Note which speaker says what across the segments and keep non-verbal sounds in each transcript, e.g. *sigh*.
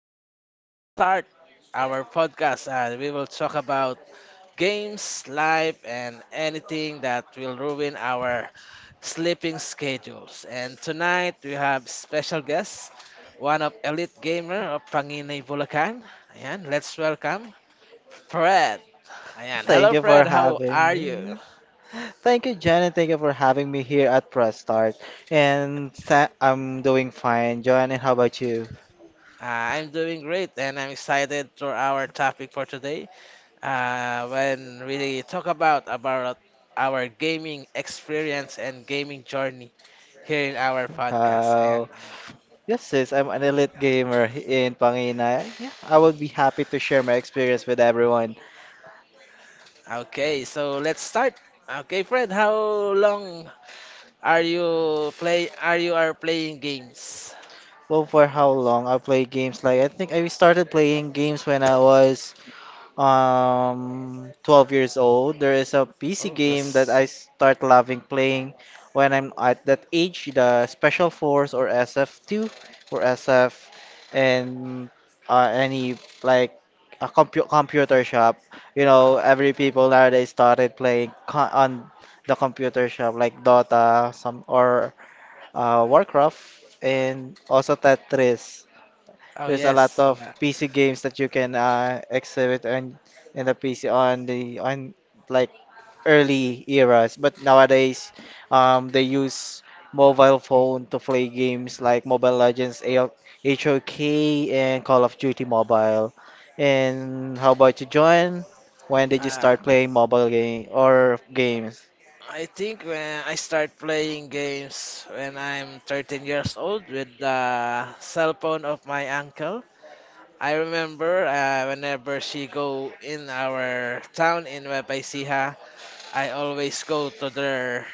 Speaker 1: our press start, our podcast, and we will talk about games, life, and anything that will ruin our sleeping schedules. And tonight we have special guest, one of elite gamer of Panginay, Bulacan. Ayan, let's welcome Fred. Ayan,
Speaker 2: Thank
Speaker 1: hello
Speaker 2: you for
Speaker 1: Fred. How
Speaker 2: having
Speaker 1: are you?
Speaker 2: me. Thank you, Jen, and thank you for having me here at Press Start. And I'm doing fine, Joanne. And how about you?
Speaker 1: I'm doing great, and I'm excited for our topic for today. When we talk about our gaming experience and gaming journey here in our podcast. Ayan.
Speaker 2: How? Yes, sis, I'm an elite gamer in Pangina. Yeah, I would be happy to share my experience with everyone.
Speaker 1: Okay, so let's start. Okay, Fred, how long are you play are you are playing games?
Speaker 2: Well, for how long I play games? Like, I think I started playing games when I was 12 years old. There is a PC
Speaker 1: Oh,
Speaker 2: game that
Speaker 1: that's
Speaker 2: I start loving playing when I'm at that age, the Special Force or SF2 or SF. And any like a computer shop. You
Speaker 1: wow.
Speaker 2: know, every people nowadays started playing co on the computer shop like Dota, some, or Warcraft, and also Tetris.
Speaker 1: Oh
Speaker 2: There's a lot
Speaker 1: yes.
Speaker 2: of PC games that you can exhibit on in the PC on the on like, early eras. But nowadays, they use mobile phone to play games like Mobile Legends, AO, HOK, and Call of Duty Mobile. And how about you, John? When did you
Speaker 1: Uh,
Speaker 2: start playing mobile game or games? *laughs*
Speaker 1: I think when I start playing games when I'm 13 years old with the cell phone of my uncle. I remember whenever she go in our town in Webay, I always go to their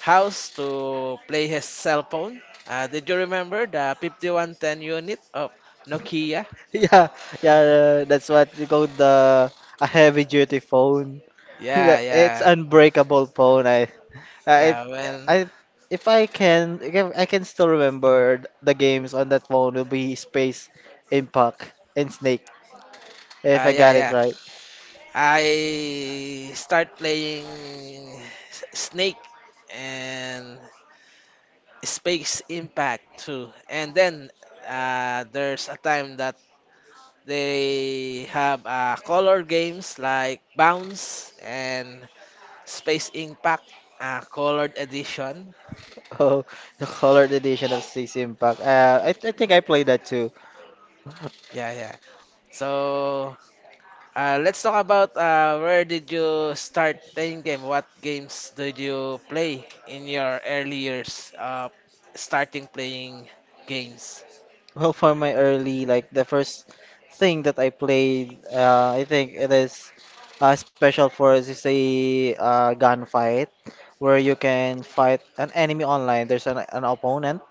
Speaker 1: house to play his cell phone. Did you remember the 5110 unit of Nokia?
Speaker 2: Yeah, yeah, that's what you call the a heavy duty phone. *laughs* Yeah,
Speaker 1: Yeah,
Speaker 2: it's
Speaker 1: yeah,
Speaker 2: unbreakable phone. I,
Speaker 1: yeah.
Speaker 2: I, if I can, still remember the games on that phone will be Space Impact and Snake, if I
Speaker 1: Yeah,
Speaker 2: got it
Speaker 1: yeah.
Speaker 2: right. *laughs*
Speaker 1: I start playing S- Snake and Space Impact too. And then there's a time that they have color games like Bounce and Space Impact, Colored Edition.
Speaker 2: Oh, the colored edition of Space Impact. I think I played that too.
Speaker 1: Yeah, yeah. So let's talk about, where did you start playing game? What games did you play in your early years, starting playing games?
Speaker 2: Well, for my early, like the first thing that I played, I think it is special for us is a gunfight where you can fight an enemy online. There's an opponent,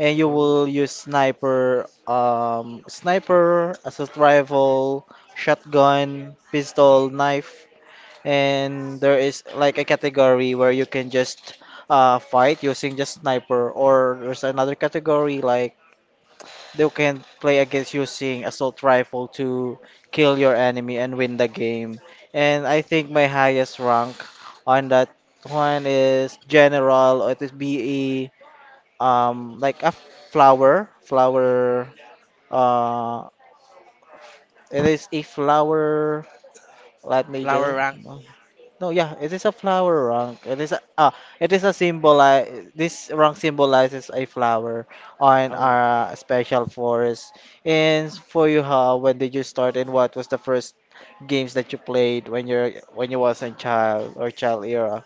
Speaker 2: and you
Speaker 1: Oh,
Speaker 2: will use sniper, sniper, assault rifle, shotgun, pistol, knife, and there is like a category where you can just fight using just sniper, or there's another category like they can play against using assault rifle to kill your enemy and win the game. And I think my highest rank on that one is general, or it is BE, like a flower flower uh it is a flower. Let me just—
Speaker 1: flower rank.
Speaker 2: no, yeah, it is a flower rank. It is a symbolize. This rank symbolizes a flower on
Speaker 1: Oh.
Speaker 2: our special forest. And for you, how, when did you start, and what was the first games that you played when you was a child or child era?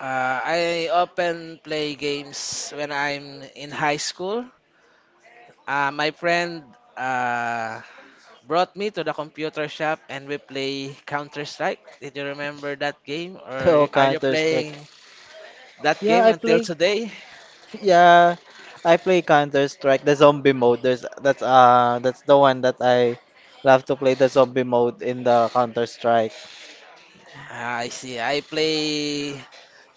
Speaker 1: I often play games when I'm in high school. My friend uh, brought me to the computer shop and we play Counter Strike. Did you remember that game,
Speaker 2: *laughs*
Speaker 1: or
Speaker 2: Oh,
Speaker 1: are you
Speaker 2: Counter Strike.
Speaker 1: playing that
Speaker 2: Yeah,
Speaker 1: game
Speaker 2: I
Speaker 1: until
Speaker 2: play.
Speaker 1: today?
Speaker 2: Yeah, I play Counter Strike, the zombie mode. There's that's the one that I love to play, the zombie mode in the Counter Strike.
Speaker 1: I see. I play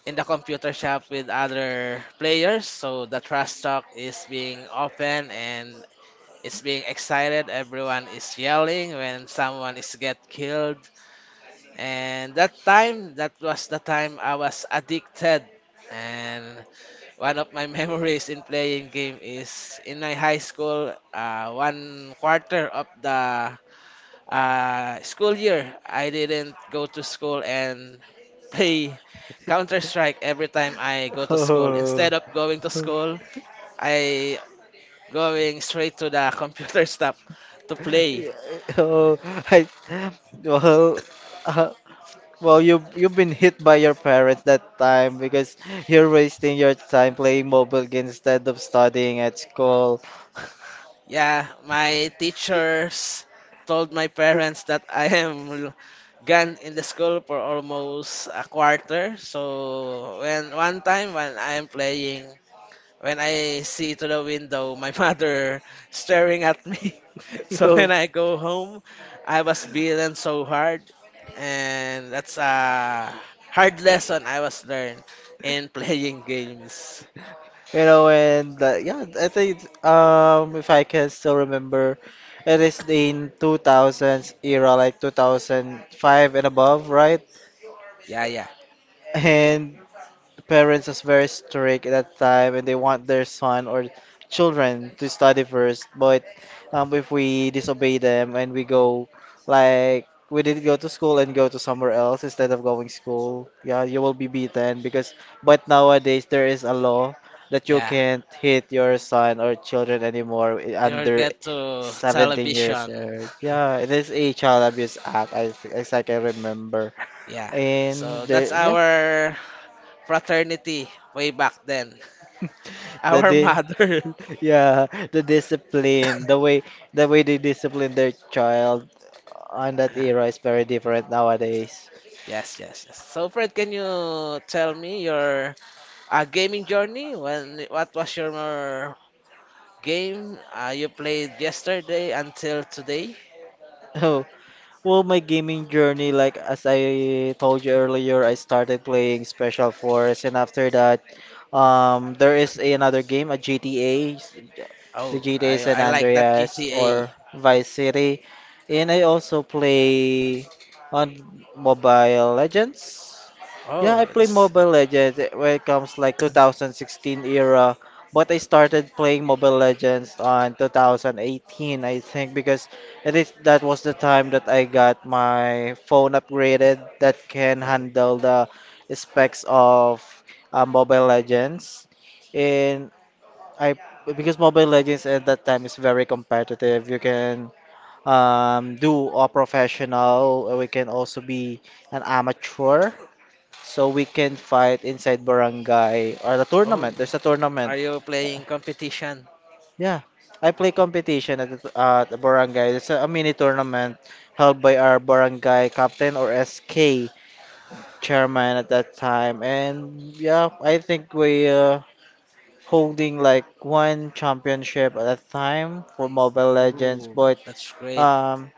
Speaker 1: in the computer shop with other players, so the trash talk is being open and it's being excited. Everyone is yelling when someone is get killed, and that time, that was the time I was addicted. And one of my *laughs* memories in playing game is in my high school. One quarter of the school year, I didn't go to school and play Counter Strike every time I go
Speaker 2: *laughs*
Speaker 1: to school.
Speaker 2: Oh.
Speaker 1: Instead of going to school,
Speaker 2: *laughs*
Speaker 1: I going straight to the *laughs* computer shop to play.
Speaker 2: Oh, I, well, uh, well, you, you've been hit by your parents that time because you're wasting your time playing mobile games instead of studying at school. *laughs*
Speaker 1: Yeah, my teachers told my parents that I am gone in the school for almost a quarter. So when one time when I'm playing, when I see to the window, my *laughs* mother staring at me. *laughs* So
Speaker 2: So,
Speaker 1: when I go home, I was beaten so hard, and that's a hard lesson I was learned in *laughs* playing games.
Speaker 2: you know, and yeah, I think if I can still remember, it is in 2000s era, like 2005 and above, right?
Speaker 1: Yeah, yeah,
Speaker 2: And parents is very strict at that time, and they want their son or children to study first. But if we disobey them and we go, like we did not go to school and go to somewhere else instead of going school, yeah, you will be beaten because. But nowadays there is a law that you
Speaker 1: yeah.
Speaker 2: can't hit your son or children anymore
Speaker 1: You'll
Speaker 2: under
Speaker 1: get to
Speaker 2: 17 years
Speaker 1: television.
Speaker 2: old.
Speaker 1: *laughs*
Speaker 2: Yeah, it is a child abuse act, as I can remember.
Speaker 1: Yeah.
Speaker 2: And
Speaker 1: So that's
Speaker 2: the yeah,
Speaker 1: our fraternity way back then. *laughs*
Speaker 2: *laughs* that
Speaker 1: Our
Speaker 2: is. *laughs*
Speaker 1: mother.
Speaker 2: Yeah, the discipline, the
Speaker 1: *laughs*
Speaker 2: way the way they discipline their child on that
Speaker 1: Ah,
Speaker 2: era is very different nowadays.
Speaker 1: yes, yes, yes. So Fred, can you tell me your a gaming journey? When what was your game you played yesterday until today?
Speaker 2: *laughs* Well, my gaming journey, like as I told you earlier, I started playing Special Force, and after that, there is another game, a GTA, the
Speaker 1: Oh,
Speaker 2: GTA San
Speaker 1: I like that
Speaker 2: Andreas
Speaker 1: GTA.
Speaker 2: or Vice City, and I also play on Mobile Legends. Yeah,
Speaker 1: Oh,
Speaker 2: I play
Speaker 1: that's-
Speaker 2: Mobile Legends eh, when it comes like 2016 era, but I started playing Mobile Legends on 2018, I think, because that was the time that I got my phone upgraded that can
Speaker 1: oh,
Speaker 2: handle the specs of Mobile Legends. And I because Mobile Legends at that time is very competitive. You can do a professional. We can also be an amateur. So we can fight inside barangay or the
Speaker 1: oh.
Speaker 2: tournament. There's a
Speaker 1: Are
Speaker 2: tournament.
Speaker 1: you playing competition?
Speaker 2: Yeah, I play competition at at the barangay. It's a mini tournament held by our barangay captain or SK chairman at that time. And yeah, I think we holding like one championship at that time for Mobile Legends,
Speaker 1: Ooh,
Speaker 2: but
Speaker 1: that's great.
Speaker 2: um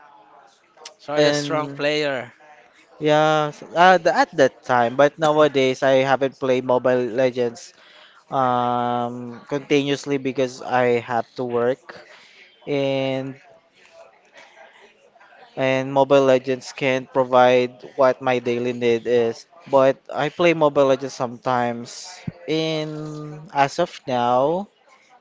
Speaker 1: So are you a strong
Speaker 2: and
Speaker 1: player?
Speaker 2: yeah, s- the- at that time. But
Speaker 1: *coughs* *laughs*
Speaker 2: nowadays, I haven't played Mobile Legends continuously because I have to work. And and Mobile Legends can't provide what my daily need is. But I play Mobile Legends sometimes. In as of now,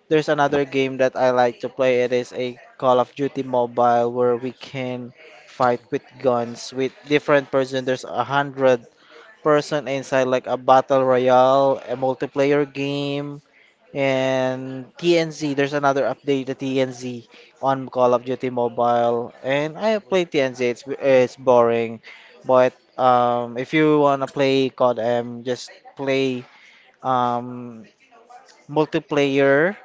Speaker 2: there's another game that I like to play. It is a Call of Duty Mobile, where we can fight with guns with different person. There's a hundred-person inside like a battle royale, a multiplayer game, and TNZ. There's another update to TNZ on Call of Duty Mobile. And I have played TNZ. It's boring. But if you wanna play CODM, just play um, multiplayer.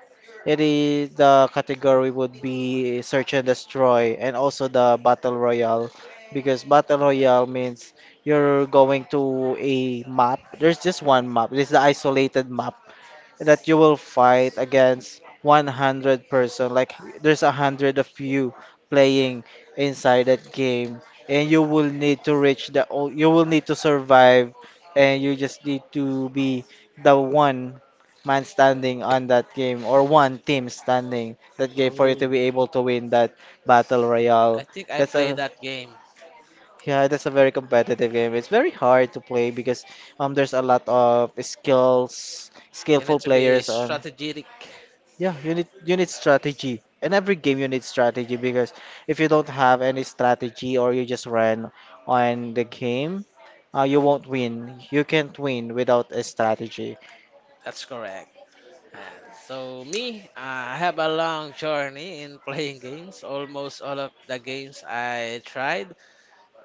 Speaker 2: It is the category would be search and destroy, and also the battle royale, because battle royale means you're going to a map. There's just one map. This is the isolated map that you will fight against 100 person. Like there's a hundred of you playing inside that game, and you will need to reach you will need to survive, and you just need to be the one man standing on that game, or one team standing that game for you to
Speaker 1: Oh,
Speaker 2: be able to win that battle
Speaker 1: I
Speaker 2: royale.
Speaker 1: think I
Speaker 2: That's
Speaker 1: played
Speaker 2: a
Speaker 1: that game.
Speaker 2: Yeah, that's a very competitive game. It's very hard to play because there's a lot of skills
Speaker 1: You need
Speaker 2: skillful
Speaker 1: to be
Speaker 2: players on.
Speaker 1: strategic.
Speaker 2: Yeah, you need, you need strategy. In every game you need strategy, because if you don't have any strategy, or you just ran on the game, you won't win. You can't win without a strategy. *laughs*
Speaker 1: That's correct. And so me, I have a long journey in playing games. Almost all of the games I tried,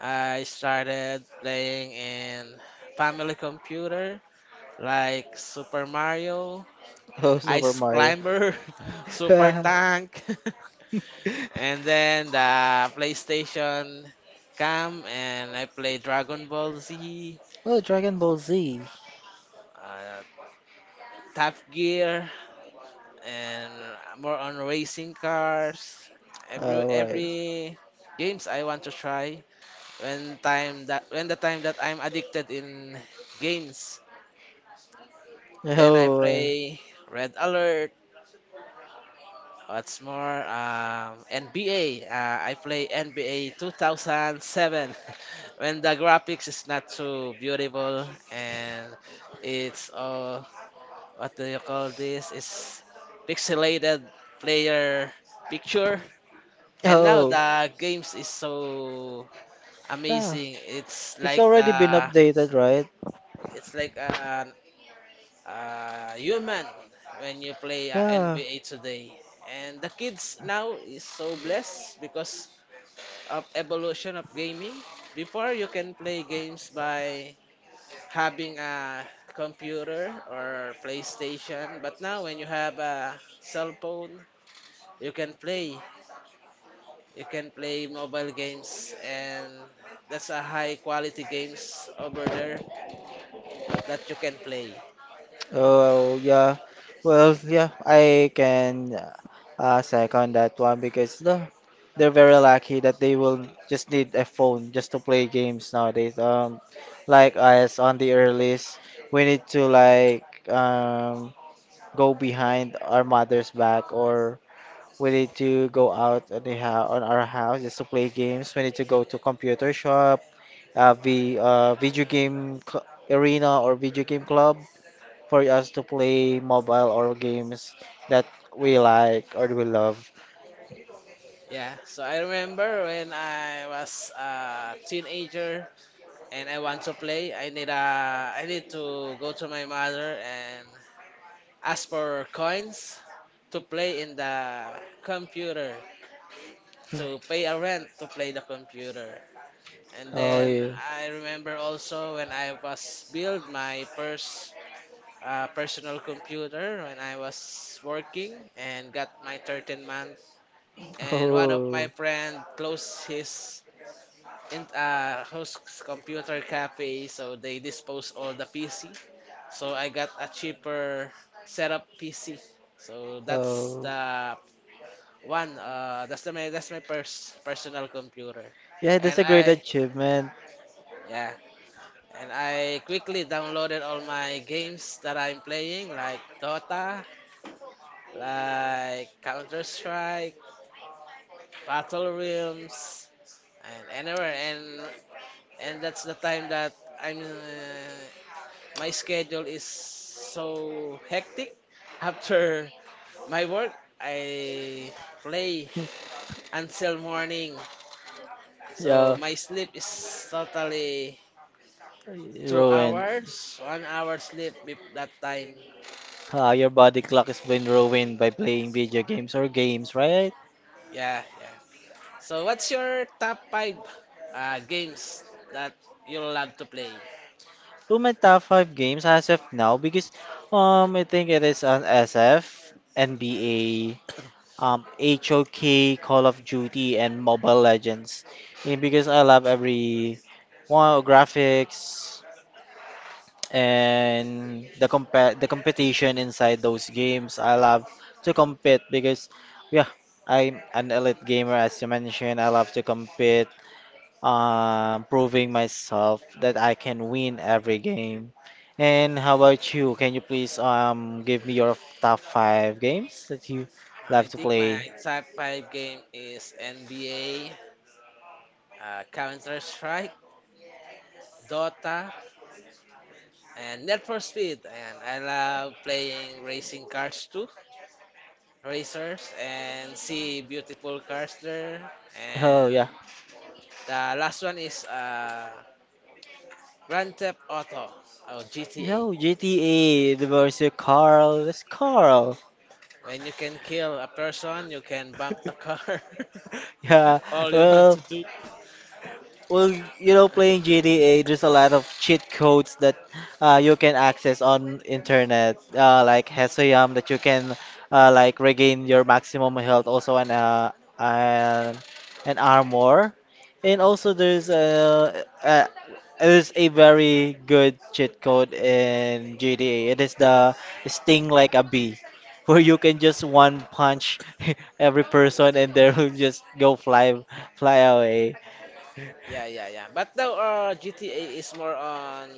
Speaker 1: I started playing in family computer like Super Mario,
Speaker 2: Oh, Super
Speaker 1: Ice
Speaker 2: Mario.
Speaker 1: Climber, *laughs* Super
Speaker 2: *laughs*
Speaker 1: Tank, *laughs* and then the PlayStation came and I played Dragon Ball Z,
Speaker 2: Oh, Dragon Ball Z.
Speaker 1: uh, Top Gear, and more on racing cars. Every
Speaker 2: All right.
Speaker 1: every games I want to try. When the time that I'm addicted in games, then I
Speaker 2: Oh, uh,
Speaker 1: play Red Alert. What's more, NBA. I play NBA 2007 *laughs* when the graphics is not so beautiful and it's what do you call this? It's pixelated player picture. And now
Speaker 2: oh,
Speaker 1: the games is so
Speaker 2: yeah.
Speaker 1: amazing. It's
Speaker 2: It's
Speaker 1: like
Speaker 2: already been
Speaker 1: the
Speaker 2: updated, right?
Speaker 1: it's like an human when you play
Speaker 2: Yeah.
Speaker 1: NBA today. And the kids now is so blessed because of evolution of gaming. Before you can play games by having a computer or PlayStation, but now when you have a cell phone, you can play you can play mobile games and that's a high quality games over there that you can play.
Speaker 2: Oh, yeah. Well, yeah, I can second that one because they're very lucky that they will just need a phone just to play games nowadays. Like us on the earliest, we need to like um go behind our mother's back, or we need to go out on on our house just to play games. We need to go to computer shop, uh, the uh, video game arena, or video game club, for us to play mobile or games that we like or we love.
Speaker 1: Yeah, so I remember when I was a teenager and I want to play, I need to go to my mother and ask for coins to play in the computer, to pay
Speaker 2: *laughs*
Speaker 1: a rent to play the computer. And
Speaker 2: Oh,
Speaker 1: then
Speaker 2: yeah.
Speaker 1: I remember also when I was build my first a personal computer when I was working and got my 13 month. And one of
Speaker 2: Oh,
Speaker 1: my friend closed his host computer cafe, so they dispose all the PC. So I got a cheaper setup PC. So that's
Speaker 2: oh.
Speaker 1: the one. That's my personal computer,
Speaker 2: Yeah,
Speaker 1: and
Speaker 2: that's a great
Speaker 1: I
Speaker 2: achievement.
Speaker 1: yeah. And I quickly downloaded all my games that I'm playing, like Dota, like Counter Strike, Battle Realms, and anywhere. And that's the time that I'm my schedule is so hectic. After my work, I play
Speaker 2: *laughs*
Speaker 1: until morning. So
Speaker 2: Yeah,
Speaker 1: my sleep is totally two
Speaker 2: ruined.
Speaker 1: hours, 1 hour sleep with that time.
Speaker 2: Ah, your body clock is been ruined by playing video games or games, right?
Speaker 1: Yeah, yeah. So what's your top five games that you love to play?
Speaker 2: To my top five games as of now, because I think it is on SF, NBA, HOK, Call of Duty, and Mobile Legends. And because I love every one graphics and the the competition inside those games. I love to compete because, yeah, I'm an elite gamer as you mentioned. I love to compete, proving myself that I can win every game. And how about you? Can you please give me your top five games that you love
Speaker 1: I
Speaker 2: to
Speaker 1: think my
Speaker 2: play?
Speaker 1: top five game is NBA, Counter Strike, Dota, and Need for Speed. And I love playing racing cars too, racers, and see beautiful cars there.
Speaker 2: Oh
Speaker 1: And
Speaker 2: yeah.
Speaker 1: the last one is Grand Theft Auto or GTA.
Speaker 2: Yo, GTA, the versus Carl. That's Carl. *laughs*
Speaker 1: When you can kill a person, you can bump the car. *laughs*
Speaker 2: Yeah.
Speaker 1: All you want
Speaker 2: Well,
Speaker 1: to do.
Speaker 2: Well, you know, playing GTA, there's a lot of cheat codes that you can access on internet, like Hesoyam, that you can like regain your maximum health, also an, an armor, and also there's a there's a very good cheat code in GTA. It is the sting like a bee, *laughs* where you can just one punch *laughs* every person and they will just go fly away.
Speaker 1: Yeah, yeah, yeah. But now GTA is more on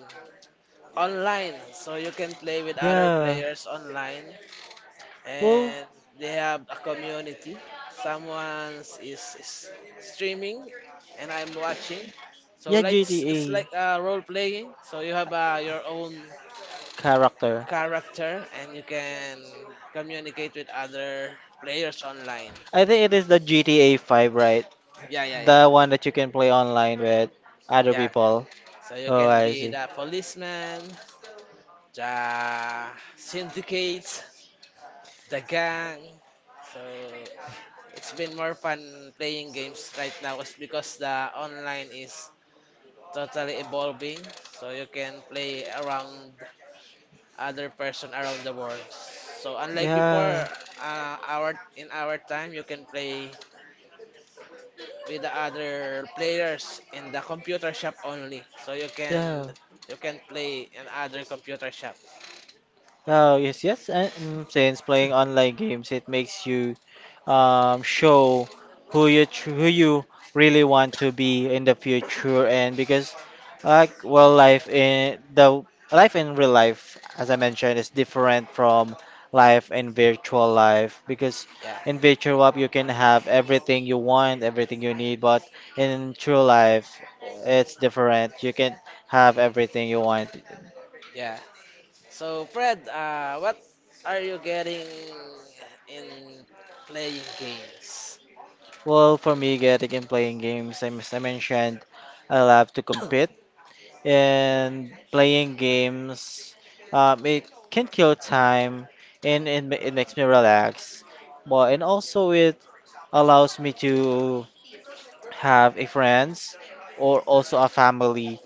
Speaker 1: online so you can play with other
Speaker 2: Yeah.
Speaker 1: players online
Speaker 2: Well,
Speaker 1: and they have a community. Someone is streaming and I'm watching, so
Speaker 2: yeah,
Speaker 1: like it's,
Speaker 2: GTA
Speaker 1: it's like a role playing, so you have your own
Speaker 2: character.
Speaker 1: character and you can communicate with other players online.
Speaker 2: I think it is the GTA 5, right?
Speaker 1: Yeah, yeah, yeah,
Speaker 2: The one that you can play online with other
Speaker 1: yeah.
Speaker 2: people.
Speaker 1: So you
Speaker 2: Oh,
Speaker 1: can
Speaker 2: I
Speaker 1: be
Speaker 2: see.
Speaker 1: the policeman, the syndicates, the gang. So it's been more fun playing games right now is because the online is totally evolving. So you can play around other person around the world. So unlike
Speaker 2: Yeah,
Speaker 1: before, our in our time you can play with the other players in the computer shop only. So
Speaker 2: yeah.
Speaker 1: you can play in other computer shop. *coughs*
Speaker 2: Oh, yes, yes. And since playing online games, it makes you show who you really want to be in the future. And because, like, well, life in real life, as I mentioned, is different from life in virtual life. Because
Speaker 1: Yeah.
Speaker 2: in virtual life, you can have everything you want, everything you need. But in true life, it's different. You can have everything you want.
Speaker 1: Yeah. So, Fred, what are you getting in playing games?
Speaker 2: Well, for me, getting and playing games, as I mentioned, I love to compete. And playing games, it can kill time, it makes me relax. Well, and also, it allows me to have a friends or also a family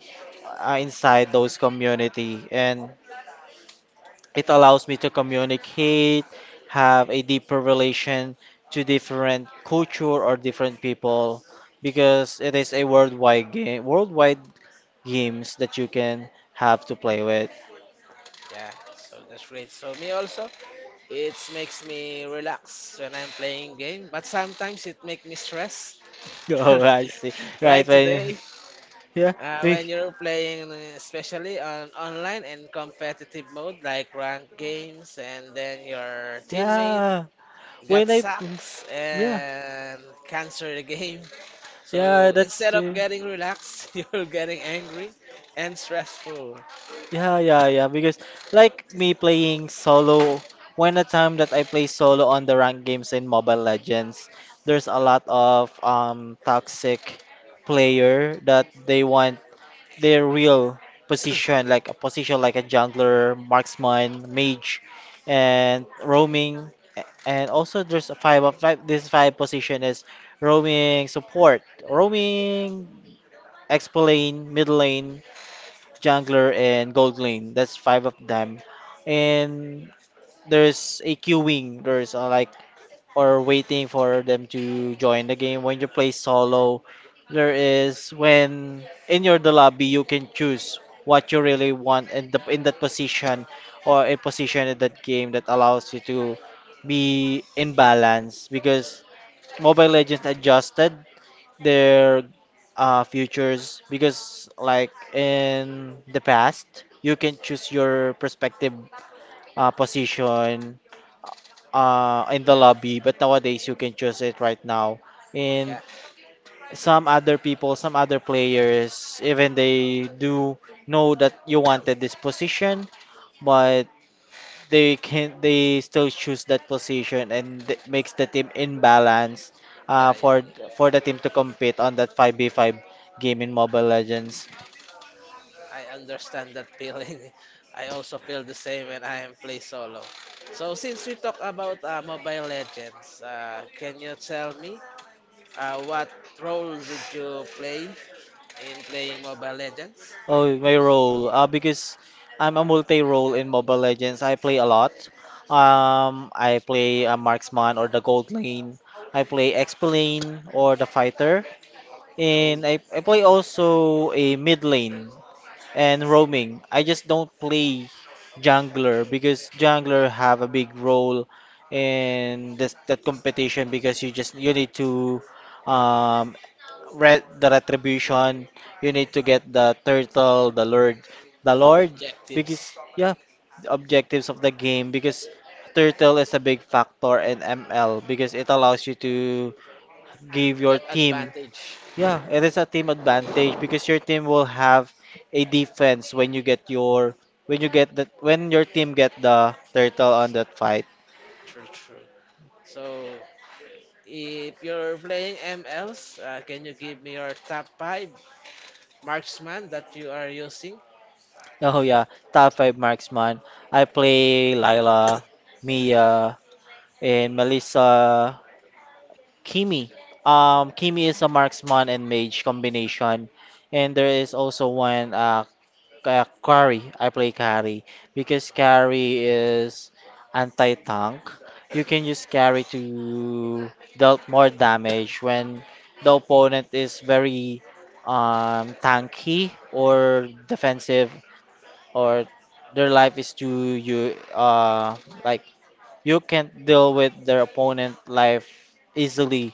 Speaker 2: inside those community. And it allows me to communicate, have a deeper relation to different culture or different people because it is a worldwide game, worldwide games that you can have to play with. *laughs*
Speaker 1: Yeah, so that's great. So, me also, it makes me relax when I'm playing game, but sometimes it make me stress.
Speaker 2: Oh,
Speaker 1: *laughs*
Speaker 2: I see. Right.
Speaker 1: Like
Speaker 2: When,
Speaker 1: today,
Speaker 2: yeah, we,
Speaker 1: when you're playing, especially on online and competitive mode, like ranked games, and then your teammate
Speaker 2: yeah.
Speaker 1: got
Speaker 2: When I,
Speaker 1: sacks
Speaker 2: yeah,
Speaker 1: and cancel the *laughs* game.
Speaker 2: yeah,
Speaker 1: So
Speaker 2: that's
Speaker 1: instead of
Speaker 2: the.
Speaker 1: getting relaxed, *laughs* you're getting angry and stressful.
Speaker 2: Yeah, yeah, yeah. Because like me playing solo, when the time that I play solo on the ranked games in Mobile Legends, there's a lot of toxic player that they want their real position like a jungler, marksman, mage, and roaming. And also there's a five of five. This five position is roaming support, roaming, X lane, mid lane. Jungler, and Gold Lane. That's five of them. And there's a queuing. There's like or waiting for them to join the game. When you play solo, there is when in your the lobby you can choose what you really want in the in that position or a position in that game that allows you to be in balance because Mobile Legends adjusted their futures because like in the past you can choose your prospective position in the lobby but nowadays you can choose it right now and
Speaker 1: Yeah,
Speaker 2: some other players even they do know that you wanted this position but they still choose that position and makes the team imbalance. uh,
Speaker 1: yeah, yeah,
Speaker 2: for
Speaker 1: yeah.
Speaker 2: for the team to compete on that 5v5 game in Mobile Legends.
Speaker 1: I understand that feeling. *laughs* I also feel the same when I am play solo. So since we talk about Mobile Legends, can you tell me what role did you play in playing Mobile Legends?
Speaker 2: Oh, my role because I'm a multi-role in Mobile Legends. I play a lot. I play a marksman or the gold lane. I play exp lane or the fighter,
Speaker 1: Oh,
Speaker 2: and I play also a mid lane. And roaming. I just don't play jungler because jungler have a big role in this that competition because you need to um read the retribution, you need to get the turtle, the lord, the lord because
Speaker 1: objectives.
Speaker 2: yeah, the objectives of the game because turtle is a big factor in ML because it allows you to give your
Speaker 1: Get
Speaker 2: team,
Speaker 1: advantage.
Speaker 2: yeah, it is a team advantage because your team will have a defense when you get your when you get the when your team get the turtle on that fight.
Speaker 1: True, true. So if you're playing MLs, can you give me your top five marksman that you are using?
Speaker 2: Oh yeah, top five marksman. I play Lila, Mia, and Melissa, Kimi. Kimi is a marksman and mage combination, and there is also one carry. I play carry because carry is anti-tank. You can use carry to dealt more damage when the opponent is very tanky or defensive or their life is too you like you can't deal with their opponent life easily.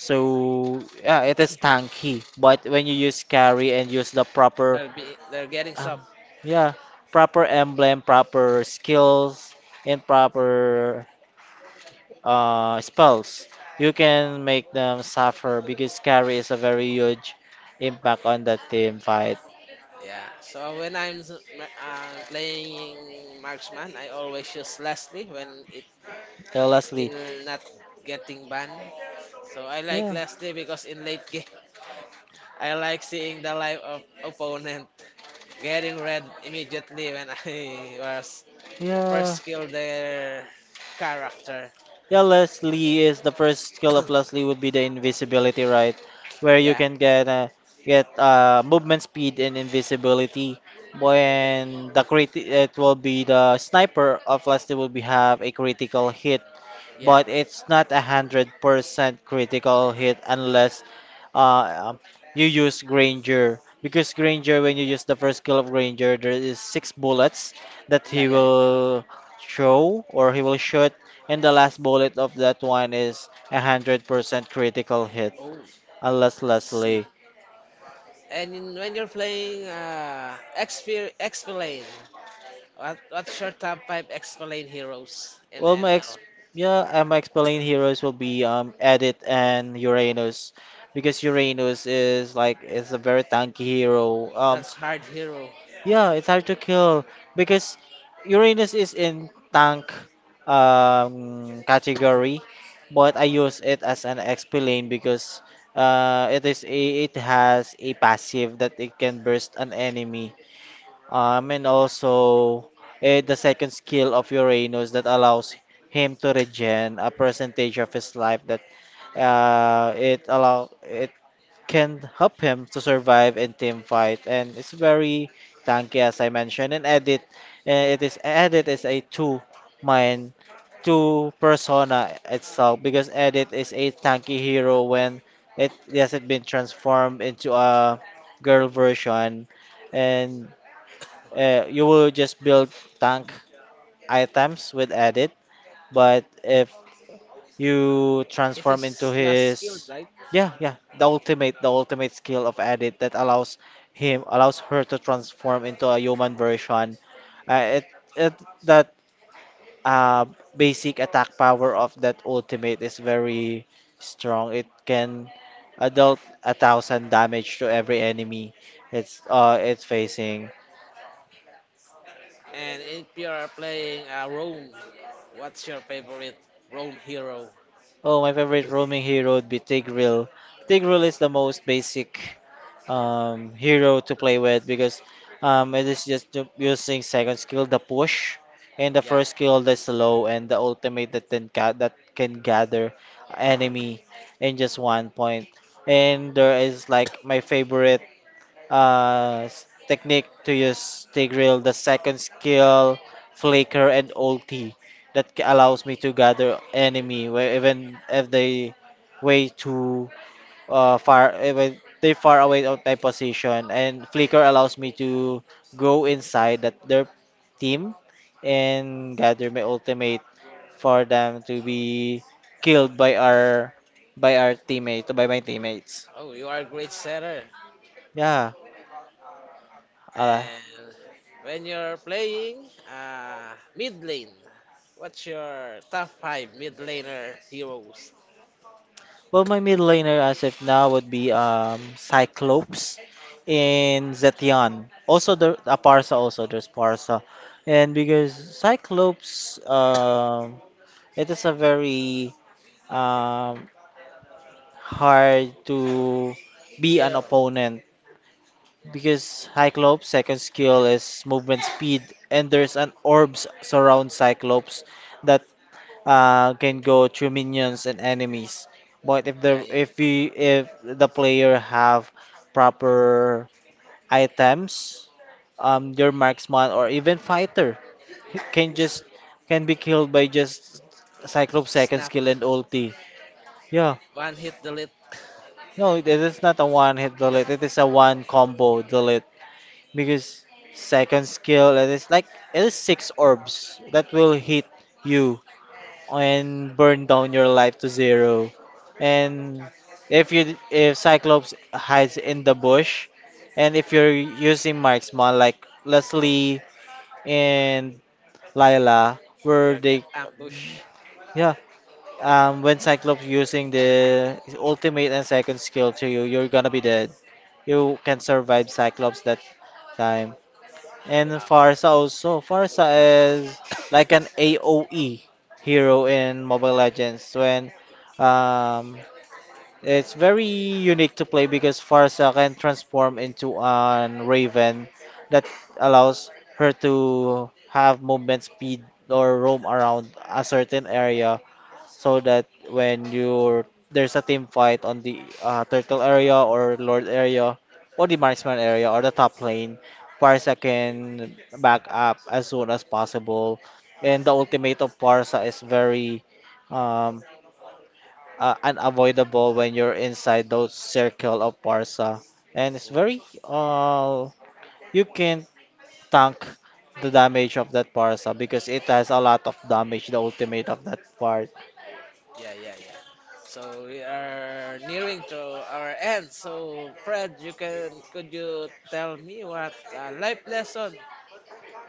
Speaker 2: So yeah, it is tanky. But when you use carry and use the proper
Speaker 1: They're be they're getting
Speaker 2: um,
Speaker 1: soft.
Speaker 2: yeah, proper emblem, proper skills, and proper spells. You can make them suffer because carry is a very huge impact on that team fight.
Speaker 1: Yeah. So when I'm playing marksman, I always use Leslie when it
Speaker 2: Lastly,
Speaker 1: will not getting banned. So I like
Speaker 2: yeah,
Speaker 1: Leslie because in late game, *laughs* I like seeing the life of opponent getting red immediately when I *laughs* was
Speaker 2: yeah.
Speaker 1: first kill their character.
Speaker 2: Yeah, Leslie is the first skill of
Speaker 1: *coughs*
Speaker 2: Leslie would be the invisibility, right? Where you
Speaker 1: Yeah,
Speaker 2: can get movement speed and invisibility.
Speaker 1: and then
Speaker 2: When the crit, it will be the sniper of Leslie will be have a critical hit
Speaker 1: yeah,
Speaker 2: but it's not 100% critical hit unless uh, um, you use Granger. Because Granger, when you use the first skill of Granger, there is six bullets that
Speaker 1: yeah,
Speaker 2: he
Speaker 1: yeah, yeah.
Speaker 2: will throw or he will shoot, and the last bullet of that one is 100% critical hit.
Speaker 1: Oh,
Speaker 2: Unless
Speaker 1: I see.
Speaker 2: Leslie.
Speaker 1: And in, when you're playing, explain. What's your top five explain heroes in
Speaker 2: Well,
Speaker 1: ML?
Speaker 2: yeah, my explained heroes will be Edit and Uranus, because Uranus is like is a very tanky hero.
Speaker 1: That's hard hero.
Speaker 2: Yeah, it's hard to kill because Uranus is in tank category, but I use it as an XP lane because it has a passive that it can burst an enemy. And also the second skill of Uranus that allows him to regen a percentage of his life that it can help him to survive in team fight and it's very tanky as I mentioned. And edit it is edit is a mind two persona itself because edit is a tanky hero when it hasn't been transformed into a girl version, and you will just build tank items with edit. But if you
Speaker 1: It
Speaker 2: transform into
Speaker 1: is last skill,
Speaker 2: his,
Speaker 1: right?
Speaker 2: yeah, yeah, the ultimate skill of edit that allows him allows her to transform into a human version. Uh, it that uh, basic attack power of that ultimate is very strong. It can adult 1,000 damage to every enemy it's facing.
Speaker 1: And NPR are playing Rome. What's your favorite Rome hero?
Speaker 2: Oh, my favorite roaming hero would be Tigreal. Tigreal is the most basic hero to play with because it is just using second skill the push and the
Speaker 1: Yeah.
Speaker 2: first skill the slow, and the ultimate that that can gather enemy in just one point. And there is like my favorite technique to use the grill. The second skill, flicker and ulti, that allows me to gather enemy where even if they way too far, even they far away of my position. And flicker allows me to go inside that their team and gather my ultimate for them to be killed by our teammate by my teammates.
Speaker 1: Oh, you are a great setter.
Speaker 2: Yeah. uh,
Speaker 1: And when you're playing mid lane, what's your top five mid laner heroes?
Speaker 2: Well, my mid laner as of now would be Cyclops and Zetian. Also, there Parsa. Also, there's Parsa, and because Cyclops, it is a very um hard to be an
Speaker 1: Kill.
Speaker 2: opponent because Cyclops' second skill is movement speed, and there's an orbs surround Cyclops that can go through minions and enemies. But
Speaker 1: Yeah, yeah.
Speaker 2: if the player have proper items, your marksman or even fighter he can just can be killed by just Cyclops second
Speaker 1: Snap.
Speaker 2: skill and ulti. Yeah,
Speaker 1: One hit delete. *laughs*
Speaker 2: no, it is not a one hit delete. It is a one combo delete because second skill it is like it is six orbs that will hit you and burn down your life to zero. And if Cyclops hides in the bush, and if you're using marksman like Leslie and Lila, where
Speaker 1: You get
Speaker 2: they,
Speaker 1: ambush.
Speaker 2: yeah, when Cyclops using the ultimate and second skill to you, you're gonna be dead. You can survive Cyclops that time. And Farsa also. Farsa is like an AoE hero in Mobile Legends when um, it's very unique to play because Farsa can transform into an Raven that allows her to have movement speed or roam around a certain area so that when you're there's a team fight on the turtle area or lord area or the marksman area or the top lane, Parsa can back up as soon as possible. And the ultimate of Parsa is very um, unavoidable when you're inside those circle of Parsa. And it's very you can tank the damage of that Parsa because it has a lot of damage, the ultimate of that part.
Speaker 1: Yeah, yeah, yeah. So we are nearing to our end. So Fred, you can could you tell me what life lesson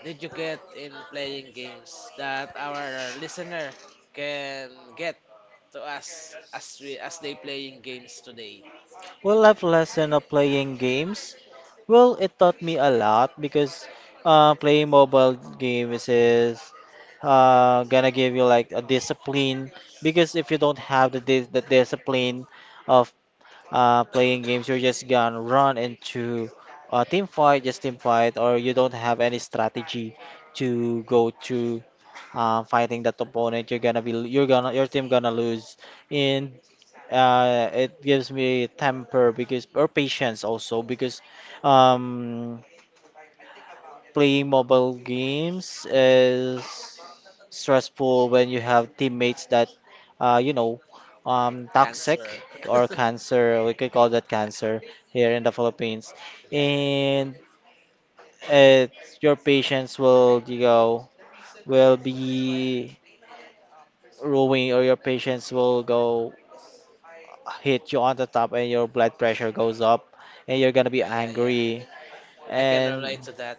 Speaker 1: did you get in playing games that our listener can get to us as we as they playing games today?
Speaker 2: Well, life lesson of playing games. Well, it taught me a lot because playing mobile games is gonna give you like a discipline. Because if you don't have the discipline of playing games, you're just gonna run into a team fight, just team fight, or you don't have any strategy to go to fighting that opponent. You're gonna be you're gonna your team gonna lose, and it gives me temper because or patience also because um, playing mobile games is stressful when you have teammates that uh, you know
Speaker 1: Cancer.
Speaker 2: toxic
Speaker 1: *laughs*
Speaker 2: or cancer. We could call that
Speaker 1: Yeah,
Speaker 2: cancer here in the Philippines,
Speaker 1: yeah,
Speaker 2: and it, your patience will, will be ruin, or your patience will go hit you on the top and your blood pressure goes up and you're gonna be
Speaker 1: yeah, yeah, yeah.
Speaker 2: angry,
Speaker 1: I can
Speaker 2: and,
Speaker 1: relate to that.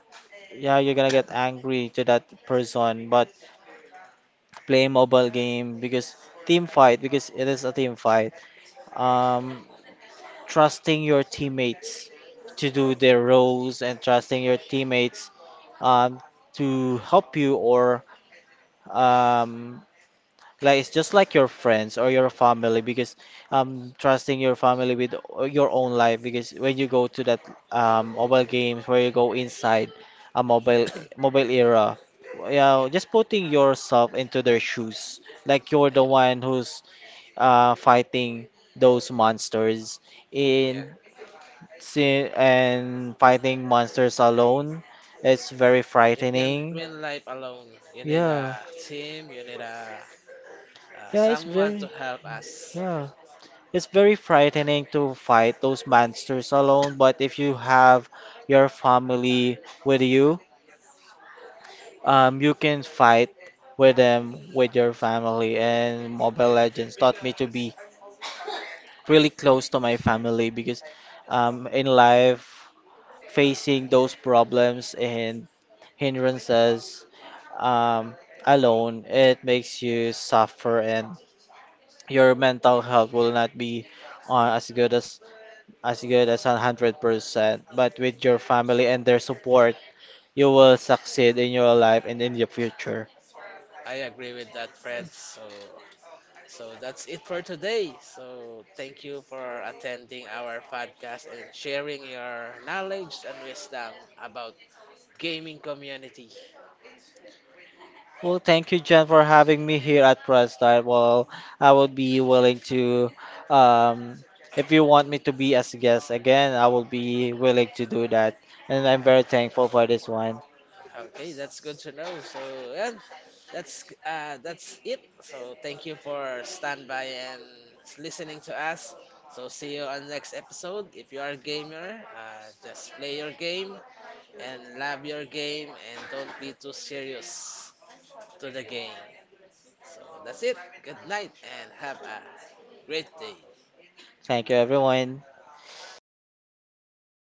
Speaker 2: yeah, you're gonna get angry to that person but play mobile game because team fight because it is a team fight, um trusting your teammates to do their roles and trusting your teammates um, to help you. Or um, like it's just like your friends or your family because trusting your family with your own life because when you go to that mobile games where you go inside a mobile era, yeah,
Speaker 1: Yeah,
Speaker 2: just putting yourself into their shoes. Like you're
Speaker 1: yeah,
Speaker 2: the
Speaker 1: yeah.
Speaker 2: one who's fighting those monsters
Speaker 1: Yeah.
Speaker 2: in and fighting monsters alone. It's very
Speaker 1: You can't
Speaker 2: frightening.
Speaker 1: win life alone. You need a
Speaker 2: Yeah.
Speaker 1: team. You need a
Speaker 2: Yeah, it's
Speaker 1: someone to
Speaker 2: very
Speaker 1: help us.
Speaker 2: yeah. It's very frightening to fight those monsters alone, but if you have your family with you, you can fight with them with your family. And Mobile Legends taught me to be really close to my family because in life, facing those problems and hindrances um, alone, it makes you suffer and your mental health will not be as good as, 100%, but with your family and their support, you will succeed in your life and in your future.
Speaker 1: I agree with that, Fred. So, so that's it for today. So, thank you for attending our podcast and sharing your knowledge and wisdom about gaming community.
Speaker 2: Well, thank you, Jen, for having me here at ProStart. Well, I would be willing to, um, if you want me to be as a guest again, I will be willing to do that. And I'm very thankful for this one.
Speaker 1: Okay, that's good to know. So, and that's it. So, thank you for stand by and listening to us. So, see you on next episode. If you are a gamer, just play your game and love your game and don't be too serious to the game. So that's it. Good night and have a great day.
Speaker 2: Thank you, everyone.